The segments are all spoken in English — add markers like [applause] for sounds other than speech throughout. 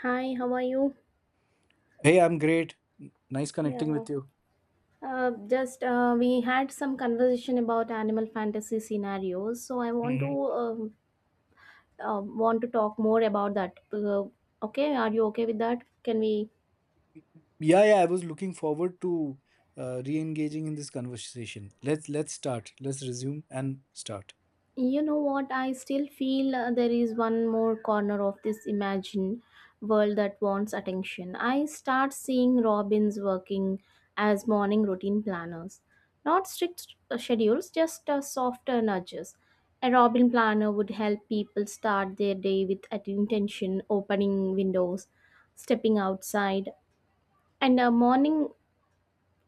Hi, how are you? Hey, I'm great. Nice connecting Yeah. with you. Just we had some conversation about animal fantasy scenarios, so I hmm um, want to talk more about that. Okay, are you okay with that? Can we Yeah, yeah, I was looking forward to re-engaging in this conversation. Let's start. Let's resume and start. You know what? I still feel there is one more corner of this imagined world that wants attention. I start seeing robins working as morning routine planners. Not strict schedules, just softer nudges. A robin planner would help people start their day with intention, opening windows, stepping outside, and a morning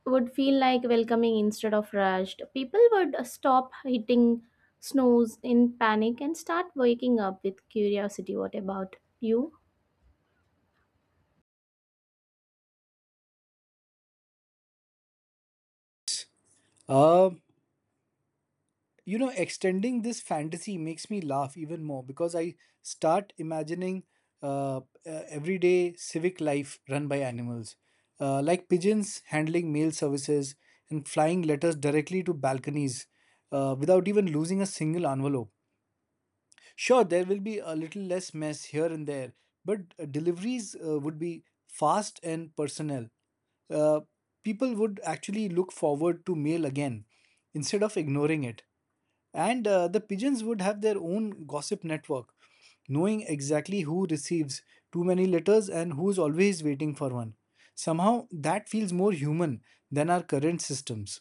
would feel like welcoming instead of rushed. People would stop hitting snooze in panic and start waking up with curiosity. What about you? Uh, Extending this fantasy makes me laugh even more because I start imagining uh, everyday civic life run by animals, like pigeons handling mail services and flying letters directly to balconies without even losing a single envelope. Sure, there will be a little less mess here and there, but deliveries would be fast and personal. Uh, People would actually look forward to mail again instead of ignoring it. And the pigeons would have their own gossip network, knowing exactly who receives too many letters and who's always waiting for one. Somehow, that feels more human than our current systems.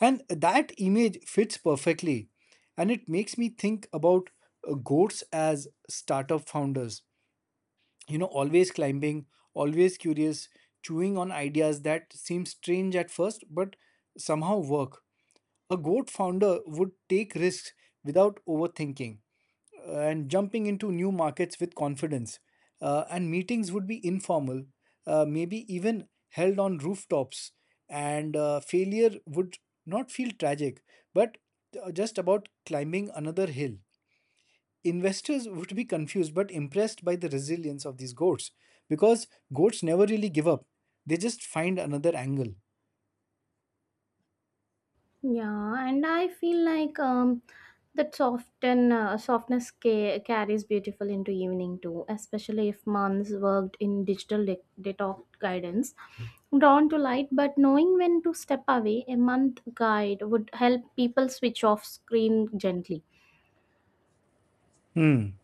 And that image fits perfectly. And it makes me think about goats as startup founders. You know, always climbing, always curious, chewing on ideas that seem strange at first, but somehow work. A goat founder would take risks without overthinking and jumping into new markets with confidence. And meetings would be informal, maybe even held on rooftops. And failure would not feel tragic, but just about climbing another hill. Investors would be confused but impressed by the resilience of these goats because goats never really give up, they just find another angle. Yeah, and I feel like that soften softness carries beautiful into evening too, especially if months worked in digital detox guidance. Drawn to light, but knowing when to step away, a month guide would help people switch off screen gently. Hmm.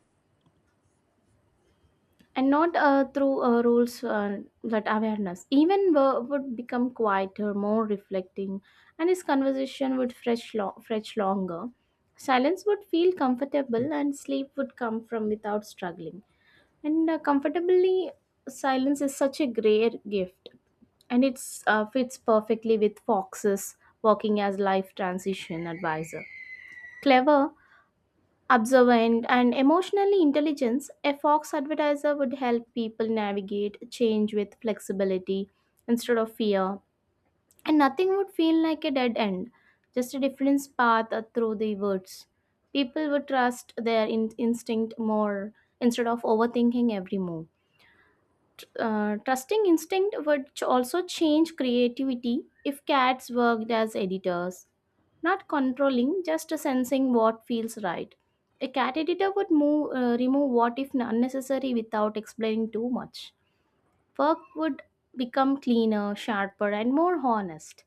And not through rules, that awareness even would become quieter, more reflecting, and his conversation would fetch longer. Silence would feel comfortable and sleep would come from without struggling and comfortably. Silence is such a rare gift, and it's fits perfectly with fox's working as life transition advisor. Clever, observant, and emotionally intelligent, a fox advertiser would help people navigate change with flexibility instead of fear, and nothing would feel like a dead end, just a different path through the woods. People would trust their instinct more instead of overthinking every move. Trusting instinct would also change creativity if cats worked as editors, not controlling, just sensing what feels right. A cat editor would remove what if unnecessary without explaining too much. Work would become cleaner, sharper, and more honest.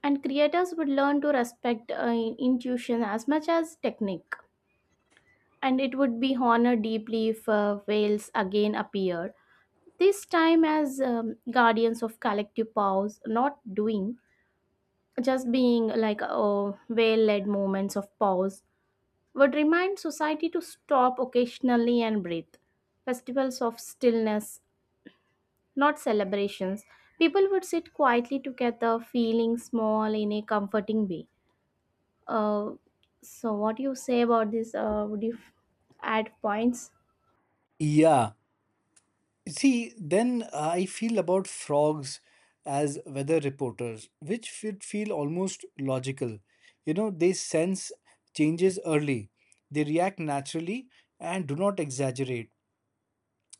And creators would learn to respect intuition as much as technique. And it would be honored deeply if whales again appeared, this time as guardians of collective pause, not doing, just being like, oh, well-led moments of pause would remind society to stop occasionally and breathe. Festivals of stillness, not celebrations. People would sit quietly together, feeling small in a comforting way. uh, so what do you say about this? Would you add points? Yeah. See, then I feel about frogs as weather reporters, which would feel almost logical. You know, they sense changes early, they react naturally, and do not exaggerate.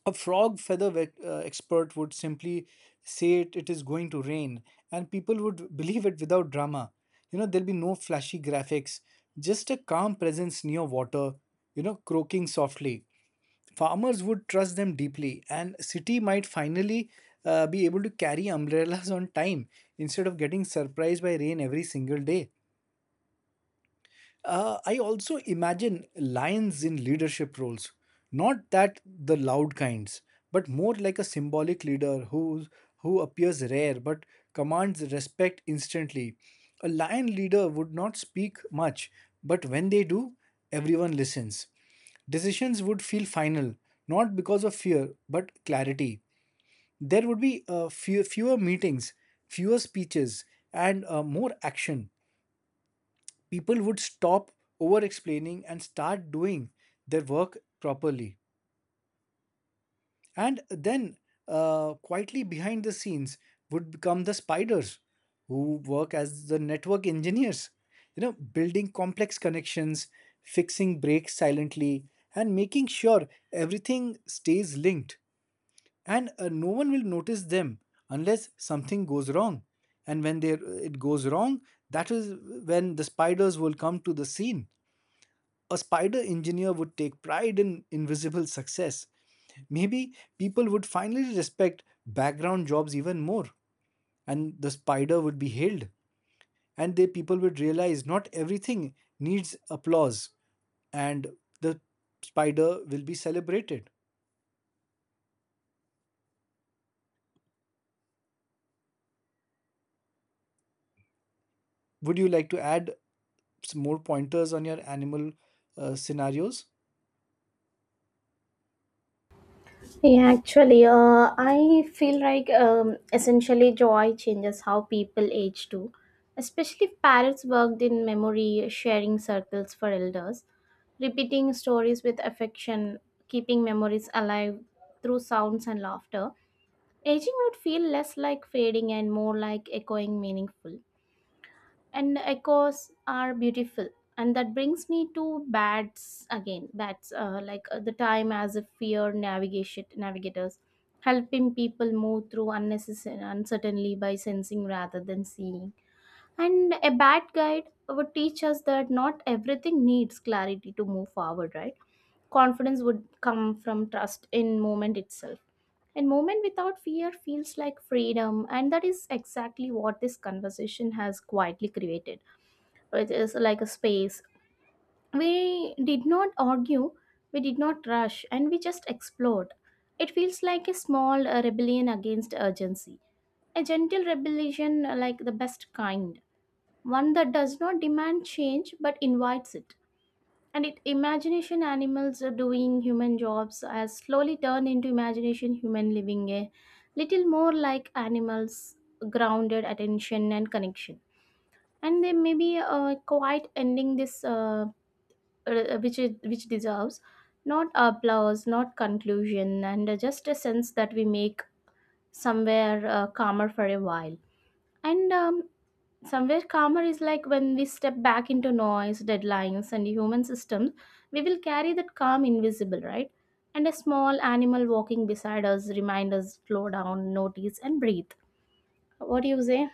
A frog expert would simply say it is going to rain, and people would [laughs] believe it without drama. You know, there'll be no flashy graphics, just a calm presence near water, you know, croaking softly. Farmers would trust them deeply, and city might finally be able to carry umbrellas [laughs] on time instead of getting surprised by rain every single day. I also imagine lions in leadership roles, not that the loud kinds, but more like a symbolic leader who appears rare but commands respect instantly. A lion leader would not speak much, but when they do, everyone listens. Decisions would feel final, not because of fear, but clarity. There would be fewer meetings, fewer speeches, and more action. People would stop over explaining and start doing their work properly. And then, quietly behind the scenes, would become the spiders who work as the network engineers, you know, building complex connections, fixing breaks silently, and making sure everything stays linked. And no one will notice them unless something goes wrong. And when it goes wrong, that is when the spiders will come to the scene. A spider engineer would take pride in invisible success. Maybe people would finally respect background jobs even more, and the spider would be hailed. And the people would realize not everything needs applause, and the spider will be celebrated. Would you like to add some more pointers on your animal scenarios? Yeah, actually, I feel like essentially joy changes how people age too, especially if parents worked in memory sharing circles for elders, repeating stories with affection, keeping memories alive through sounds and laughter. Aging would feel less like fading and more like echoing meaningful, and echoes are beautiful. And that brings me to bats again. Bats, the time as a fear navigation navigators, helping people move through unnecessary uncertainly by sensing rather than seeing. And a bat guide would teach us that not everything needs clarity to move forward, right? Confidence would come from trust in movement itself, and movement without fear feels like freedom, and that is exactly what this conversation has quietly created, which is like a space. We did not argue, we did not rush, and we just explored. It feels like a small rebellion against urgency, a gentle rebellion, like the best kind, one that does not demand change but invites it. And it imagination animals are doing human jobs has slowly turned into imagination human living a little more like animals, grounded attention and connection. And they may be quite ending this, which is, which deserves not applause, not conclusion, and just a sense that we make somewhere calmer for a while. And somewhere calmer is like when we step back into noise, deadlines, and human systems, we will carry that calm invisible, right? And a small animal walking beside us remind us slow down, notice, and breathe. What do you say?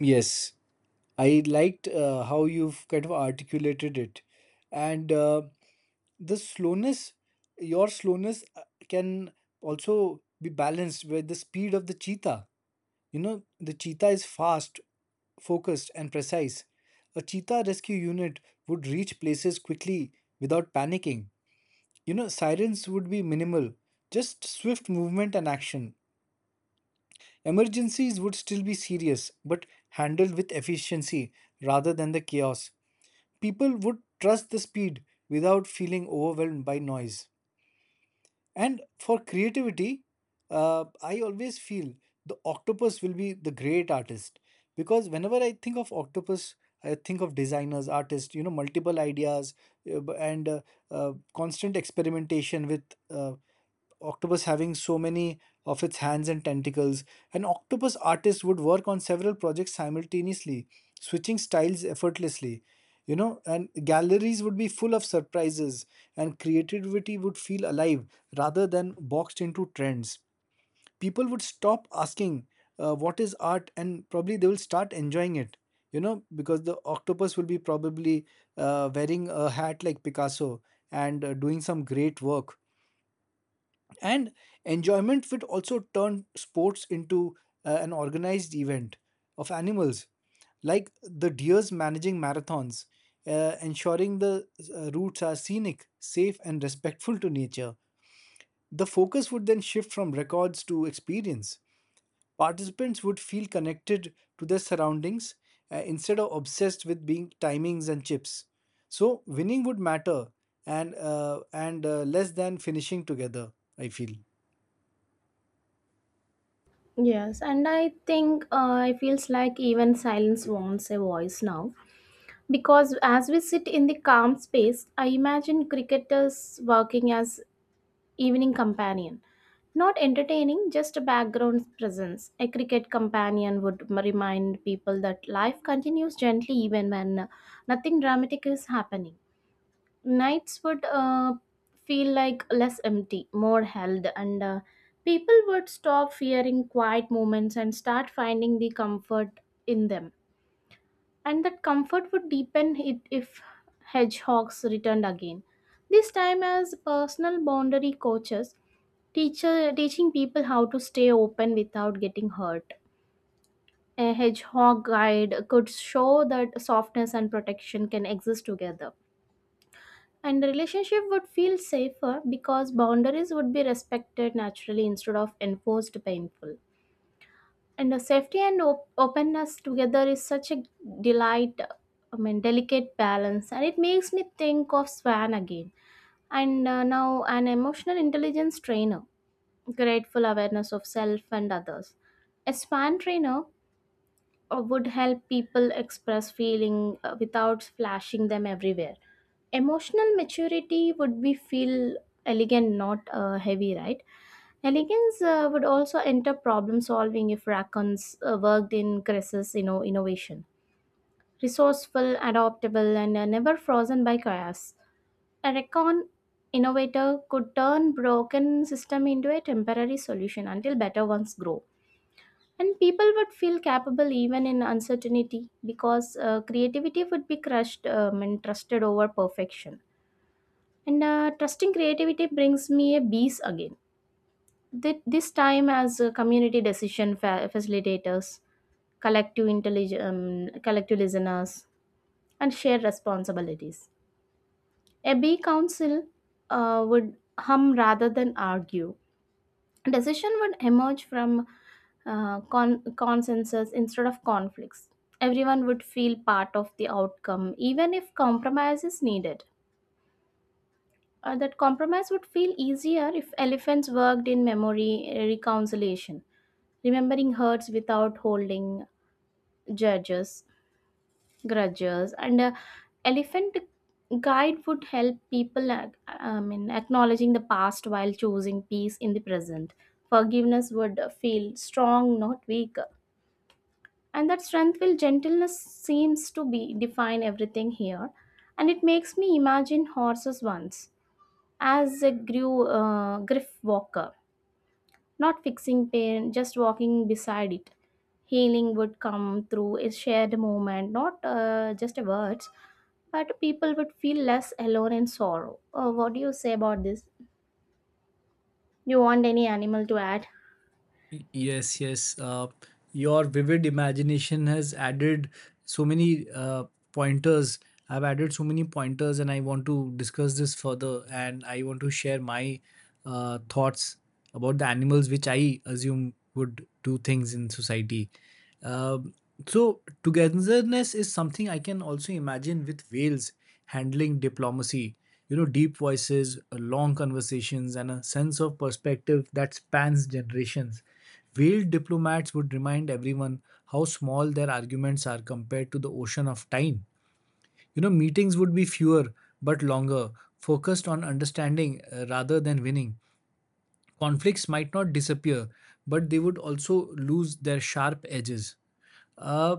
Yes, I liked how you've kind of articulated it. And the slowness your slowness can also be balanced with the speed of the cheetah. You know, the cheetah is fast, focused, and precise. A cheetah rescue unit would reach places quickly without panicking. You know, sirens would be minimal, just swift movement and action. Emergencies would still be serious but handled with efficiency rather than the chaos. People would trust the speed without feeling overwhelmed by noise. And for creativity, I always feel the octopus will be the great artist because whenever I think of octopus, I think of designers, artists, you know, multiple ideas b- and constant experimentation with uh, octopus having so many of its hands and tentacles. An octopus artist would work on several projects simultaneously, switching styles effortlessly. You know, and galleries would be full of surprises, and creativity would feel alive rather than boxed into trends. People would stop asking, "What is art?" and probably they will start enjoying it. You know, because the octopus will be probably wearing a hat like Picasso and doing some great work, and enjoyment would also turn sports into an organized event of animals, like the deers managing marathons, ensuring the routes are scenic, safe, and respectful to nature. The focus would then shift from records to experience. Participants would feel connected to their surroundings instead of obsessed with being timings and chips. So winning would matter and less than finishing together. I feel. Yes, and I think it feels like even silence wants a voice now. Because as we sit in the calm space, I imagine cricketers working as evening companion. Not entertaining, just a background presence. A cricket companion would remind people that life continues gently even when nothing dramatic is happening. Nights would feel like less empty, more held, and people would stop fearing quiet moments and start finding the comfort in them. And that comfort would deepen it if hedgehogs returned again. This time as personal boundary coaches, teacher teaching people how to stay open without getting hurt. A hedgehog guide could show that softness and protection can exist together. And the relationship would feel safer because boundaries would be respected naturally instead of enforced painful. And the safety and openness together is such a delight, I mean delicate balance. And it makes me think of swan again. And now an emotional intelligence trainer, grateful awareness of self and others. A swan trainer would help people express feeling without flashing them everywhere. Emotional maturity would be feel elegant, not heavy, right? Elegance would also enter problem solving if raccoons worked in crisis, you know, innovation. Resourceful, adaptable, and never frozen by chaos. A Rackon innovator could turn broken system into a temporary solution until better ones grow. And people would feel capable even in uncertainty, because creativity would be crushed and trusted over perfection. And trusting creativity brings me a bees again. This time as a community decision facilitators, collective listeners, and shared responsibilities. A B council would hum rather than argue. Decision would emerge from consensus instead of conflicts. Everyone would feel part of the outcome, even if compromise is needed. That compromise would feel easier if elephants worked in memory reconciliation, remembering hurts without holding judges, grudges, and elephant guide would help people I mean, acknowledging the past while choosing peace in the present. Forgiveness would feel strong, not weak. And that strength will gentleness seems to be define everything here. And it makes me imagine horses once as a griff walker, not fixing pain, just walking beside it. Healing would come through a shared moment, not just words, but people would feel less alone in sorrow. Oh, what do you say about this? You want any animal to add? Yes, yes. Your vivid imagination has added so many pointers. I've added so many pointers, and I want to discuss this further. And I want to share my thoughts about the animals which I assume would do things in society. Um, so, togetherness is something I can also imagine with whales handling diplomacy. You know, deep voices, long conversations, and a sense of perspective that spans generations. Veiled diplomats would remind everyone how small their arguments are compared to the ocean of time. You know, meetings would be fewer but longer, focused on understanding rather than winning. Conflicts might not disappear, but they would also lose their sharp edges. Uh,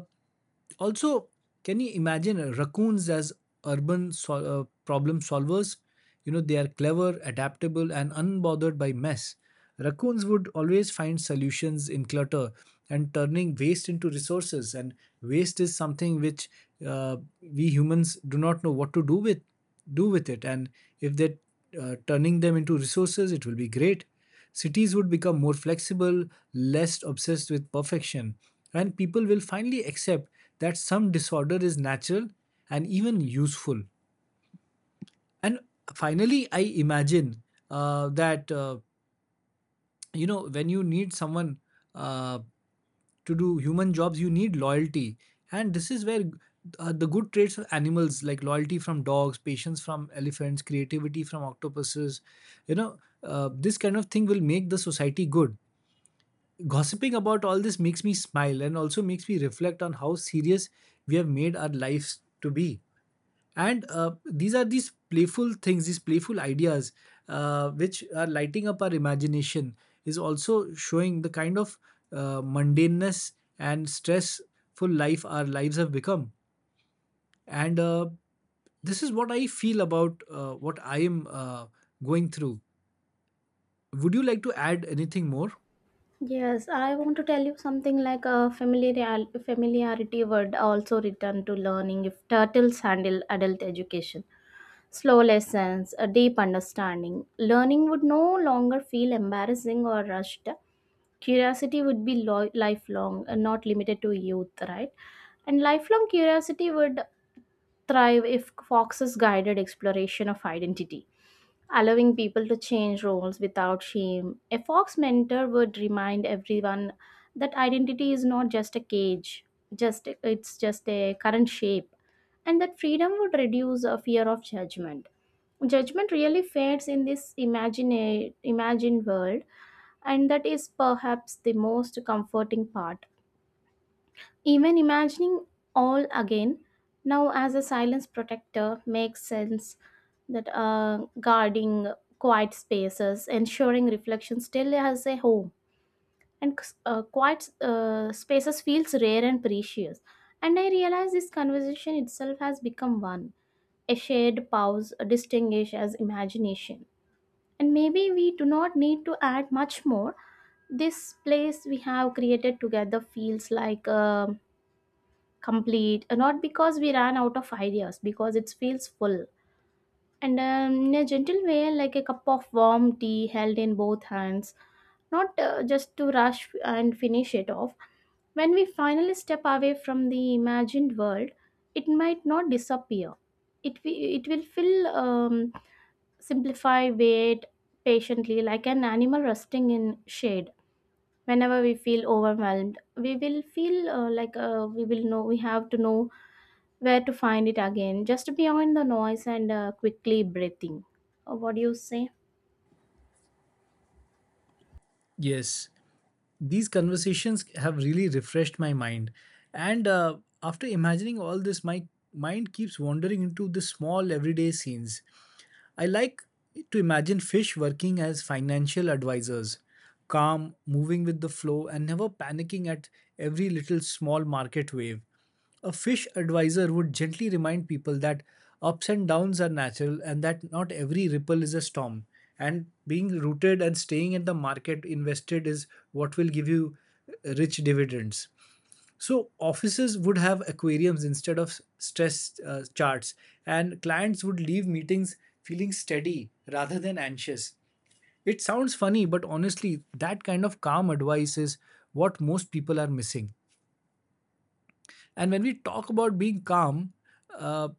Also, can you imagine raccoons as urban problem solvers? You know, they are clever, adaptable, and unbothered by mess. Raccoons would always find solutions in clutter and turning waste into resources. And waste is something which we humans do not know what to do with it. And if they're turning them into resources, it will be great. Cities would become more flexible, less obsessed with perfection, and people will finally accept that some disorder is natural and even useful. And finally, I imagine that you know, when you need someone uh, to do human jobs, you need loyalty, and this is where the good traits of animals like loyalty from dogs, patience from elephants, creativity from octopuses, you know, this kind of thing will make the society good. Gossiping about all this makes me smile and also makes me reflect on how serious we have made our lives to be. And these are these playful things, these playful ideas, which are lighting up our imagination, is also showing the kind of mundaneness and stressful life our lives have become. And this is what I feel about what I am going through. Would you like to add anything more? Yes, I want to tell you something like a familiarity would also return to learning if turtles handle adult education. Slow lessons, a deep understanding. Learning would no longer feel embarrassing or rushed. Curiosity would be lifelong, and not limited to youth, right? And lifelong curiosity would thrive if Fox's guided exploration of identity, allowing people to change roles without shame. A Fox mentor would remind everyone that identity is not just a cage, just it's just a current shape, and that freedom would reduce a fear of judgment. Judgment really fades in this imagined world, and that is perhaps the most comforting part. Even imagining all again, now as a silence protector, makes sense that guarding quiet spaces, ensuring reflection still has a home. And quiet spaces feels rare and precious. And I realize this conversation itself has become one, a shared pause distinguished as imagination. And maybe we do not need to add much more. This place we have created together feels like complete, not because we ran out of ideas, because it feels full. And in a gentle way, like a cup of warm tea held in both hands, not just to rush and finish it off. When we finally step away from the imagined world, it might not disappear. It will feel simplify, wait patiently like an animal resting in shade. Whenever we feel overwhelmed, we will feel we will know, we have to know where to find it again, just beyond the noise and quickly breathing. What do you say? Yes. These conversations have really refreshed my mind, and after imagining all this, my mind keeps wandering into the small everyday scenes. I like to imagine fish working as financial advisors, calm, moving with the flow, and never panicking at every little small market wave. A fish advisor would gently remind people that ups and downs are natural and that not every ripple is a storm. And being rooted and staying at the market invested is what will give you rich dividends. So offices would have aquariums instead of stress charts, and clients would leave meetings feeling steady rather than anxious. It sounds funny, but honestly, that kind of calm advice is what most people are missing. And when we talk about being calm, uh,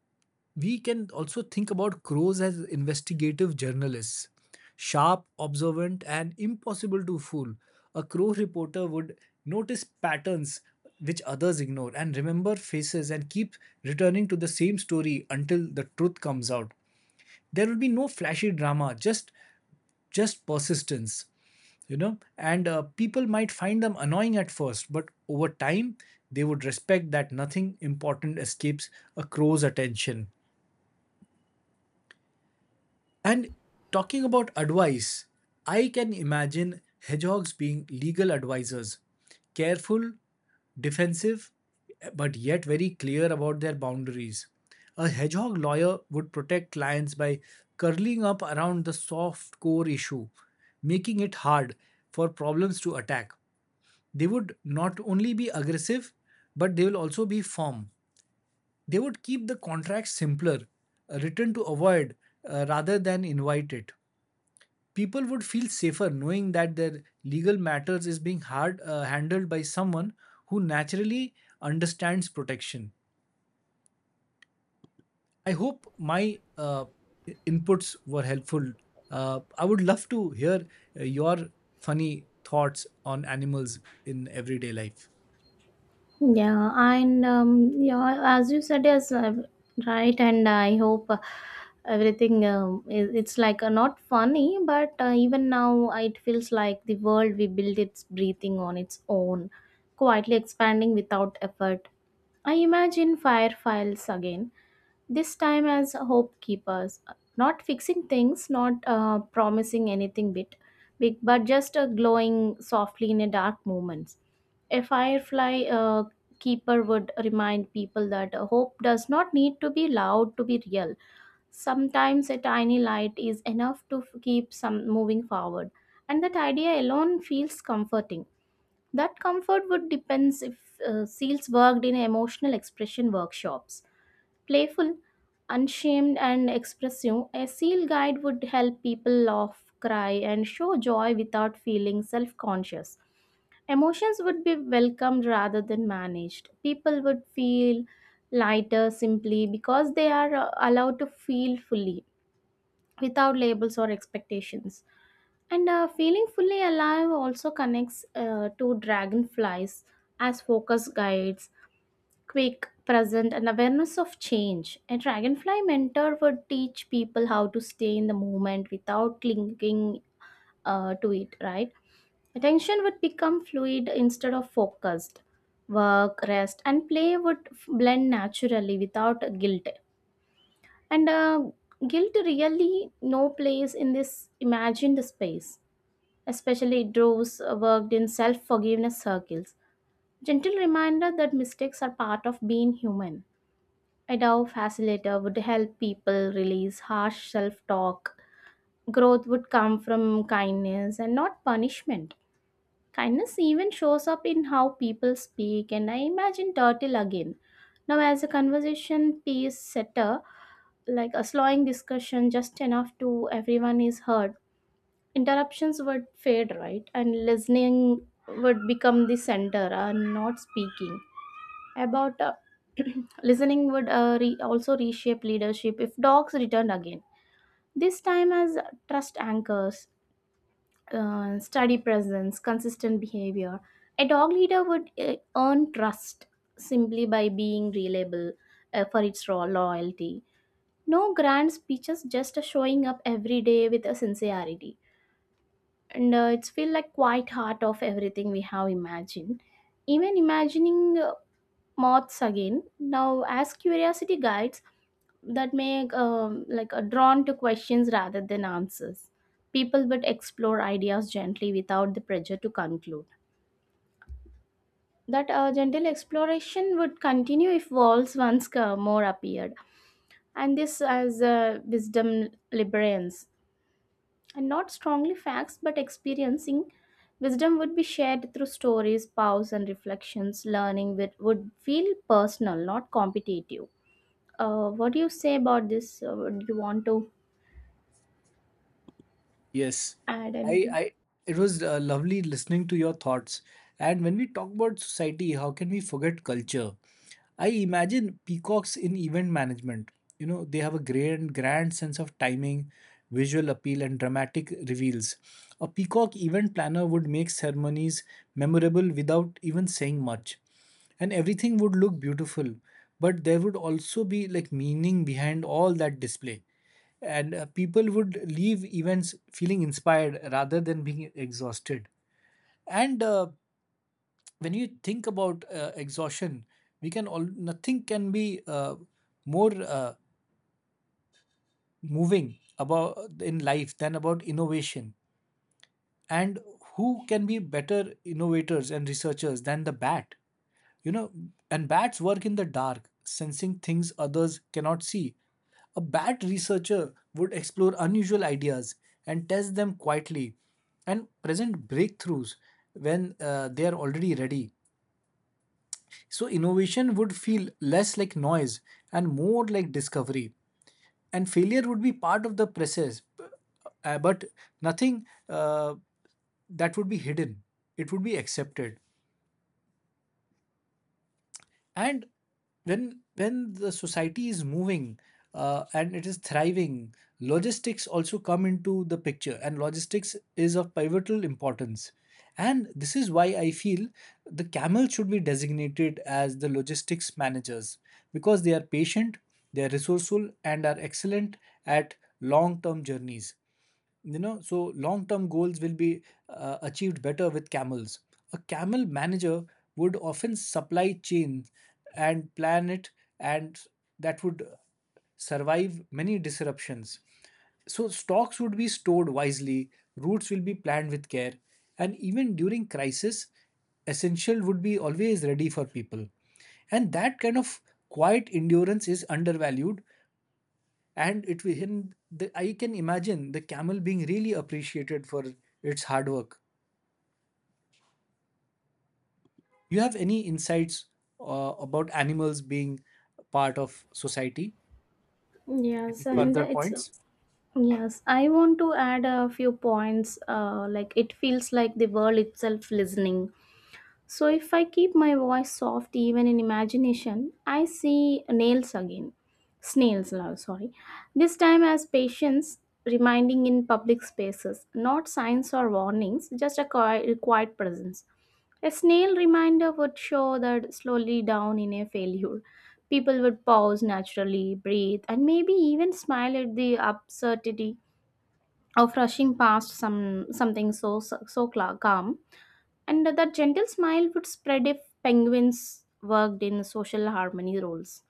we can also think about crows as investigative journalists, sharp, observant, and impossible to fool. A crow reporter would notice patterns which others ignore and remember faces and keep returning to the same story until the truth comes out. There will be no flashy drama, just persistence. You know, and people might find them annoying at first, but over time they would respect that nothing important escapes a crow's attention. And talking about advice, I can imagine hedgehogs being legal advisors, careful, defensive, but yet very clear about their boundaries. A hedgehog lawyer would protect clients by curling up around the soft core issue, making it hard for problems to attack. They would not only be aggressive, but they will also be firm. They would keep the contract simpler, written to avoid rather than invite it. People would feel safer knowing that their legal matters is being hard handled by someone who naturally understands protection. I hope my uh, inputs were helpful. I would love to hear your funny thoughts on animals in everyday life. Yeah, as you said, yes, right. And I hope everything, it's like, not funny, but even now it feels like the world we built it's breathing on its own, quietly expanding without effort. I imagine fire files again, this time as hope keepers, not fixing things, not promising anything bit big, but just glowing softly in a dark moments. A firefly keeper would remind people that hope does not need to be loud to be real. Sometimes a tiny light is enough to keep some moving forward, and that idea alone feels comforting. That comfort would depends if seals worked in emotional expression workshops. Playful, unshamed, and expressive, a seal guide would help people laugh, cry, and show joy without feeling self conscious. Emotions would be welcomed rather than managed. People would feel lighter simply because they are allowed to feel fully without labels or expectations. And Feeling fully alive also connects to dragonflies as focus guides quick, present, and awareness of change. A dragonfly mentor would teach people how to stay in the moment without clinging to it, right? Attention would become fluid instead of focused. Work, rest, and play would blend naturally without guilt. And Guilt really no place in this imagined space. Especially those worked in self-forgiveness circles. Gentle reminder that mistakes are part of being human. A Dao facilitator would help people release harsh self talk. Growth would come from kindness and not punishment. Kindness even shows up in how people speak, and I imagine Turtle again. Now, as a conversation piece setter, like a slowing discussion just enough to everyone is heard, interruptions would fade, right? And listening would become the center and not speaking about [clears throat] listening would also reshape leadership if dogs returned again this time as trust anchors, steady presence consistent behavior. A dog leader would earn trust simply by being reliable, for its raw loyalty. No grand speeches, just showing up every day with a sincerity, and it's feel like quite heart of everything we have imagined. Even imagining moths again now as curiosity guides that make like a drawn to questions rather than answers. People would explore ideas gently without the pressure to conclude that gentle exploration would continue if walls once more appeared, and this as wisdom librarians and not strongly facts but experiencing. Wisdom would be shared through stories pause and reflections. Learning would feel personal, not competitive. What do you say about this? Do you want to Yes, add I, anything? I, it was lovely listening to your thoughts. And when we talk about society, how can we forget culture? I imagine peacocks in event management. You know, they have a grand sense of timing, visual appeal, and dramatic reveals. A peacock event planner would make ceremonies memorable without even saying much. And everything would look beautiful, but there would also be like meaning behind all that display, and people would leave events feeling inspired rather than being exhausted. And when you think about exhaustion, we can all, nothing can be more moving about in life than about innovation, and who can be better innovators and researchers than the bat? You know, and bats work in the dark, sensing things others cannot see. A bat researcher would explore unusual ideas and test them quietly and present breakthroughs when they are already ready. So, innovation would feel less like noise and more like discovery, and failure would be part of the process, but nothing that would be hidden, it would be accepted. And when the society is moving and it is thriving, logistics also come into the picture, and logistics is of pivotal importance. And this is why I feel the camel should be designated as the logistics managers because they are patient, they are resourceful, and are excellent at long term journeys. You know, so long term goals will be achieved better with camels. A camel manager would often supply chain and plan it, and that would survive many disruptions. So stocks would be stored wisely, routes will be planned with care, and even during crisis, essential would be always ready for people. And that kind of quiet endurance is undervalued, and it will, I can imagine the camel being really appreciated for its hard work. You have any insights about animals being part of society, Yes, any and further it's points? yes, I want to add a few points. Like it feels like the world itself listening. So if I keep my voice soft even in imagination, I see nails again. Snails, sorry. This time as patients reminding in public spaces, not signs or warnings, just a quiet presence. A snail reminder would show that slowly down in a failure. People would pause naturally, breathe, and maybe even smile at the absurdity of rushing past some something so so, so calm. And that gentle smile would spread if penguins worked in social harmony roles.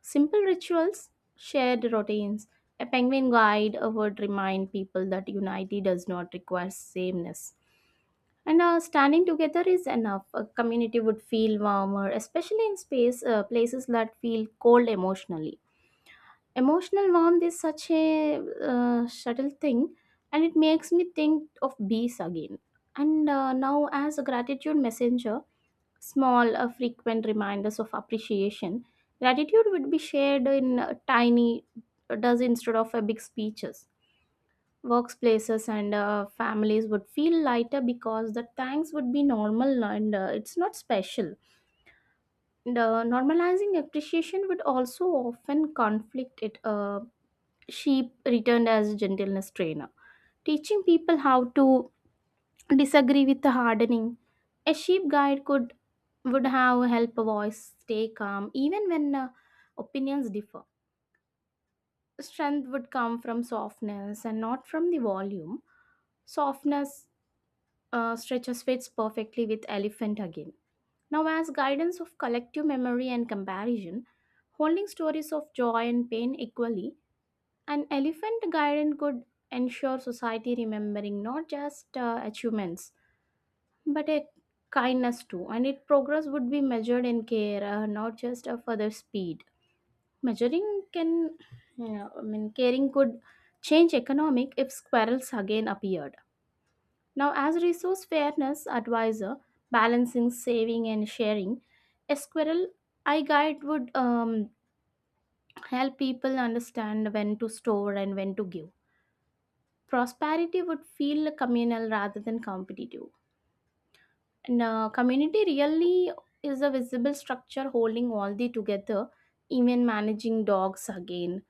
Simple rituals, shared routines. A penguin guide would remind people that unity does not require sameness. And Standing together is enough. A community would feel warmer, especially in space places that feel cold emotionally. Emotional warmth is such a subtle thing, and it makes me think of bees again. And Now, as a gratitude messenger, small frequent reminders of appreciation. Gratitude would be shared in tiny does instead of big speeches. Workplaces and families would feel lighter because the thanks would be normal and it's not special, normalizing appreciation would also often conflict it sheep returned as a gentleness trainer teaching people how to disagree with the hardening. A sheep guide could would have helped a voice stay calm even when opinions differ. Strength would come from softness and not from the volume. Softness stretches fits perfectly with elephant again. Now, as guidance of collective memory and comparison, holding stories of joy and pain equally, an elephant guidance could ensure society remembering not just achievements but a kindness too, and its progress would be measured in care, not just a further speed. Measuring can, yeah, I mean, caring could change economic if squirrels again appeared. Now, as resource fairness advisor, balancing saving and sharing, a squirrel eye guide would help people understand when to store and when to give. Prosperity would feel communal rather than competitive. And Community really is a visible structure holding all the together, even managing dogs again.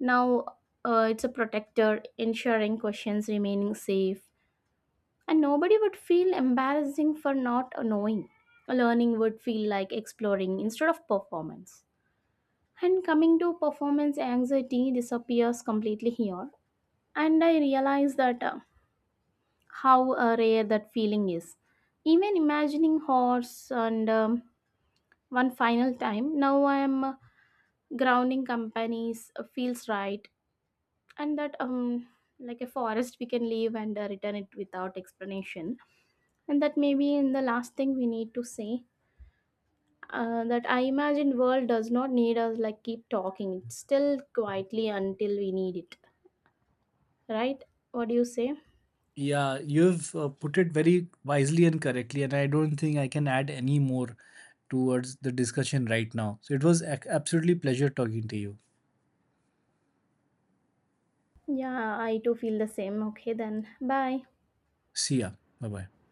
Now it's a protector, ensuring questions remaining safe, and nobody would feel embarrassing for not knowing. Learning would feel like exploring instead of performance. And coming to performance anxiety disappears completely here. And I realize that how rare that feeling is. Even imagining horse and one final time, now I am grounding companies feels right, and that like a forest we can leave and return it without explanation, and that maybe in the last thing we need to say, that I imagine world does not need us like keep talking it's still quietly until we need it, right? What do you say? Yeah, you've put it very wisely and correctly, and I don't think I can add any more towards the discussion right now. So it was absolutely pleasure talking to you. Yeah, I too feel the same. Okay then, bye. See ya. Bye bye.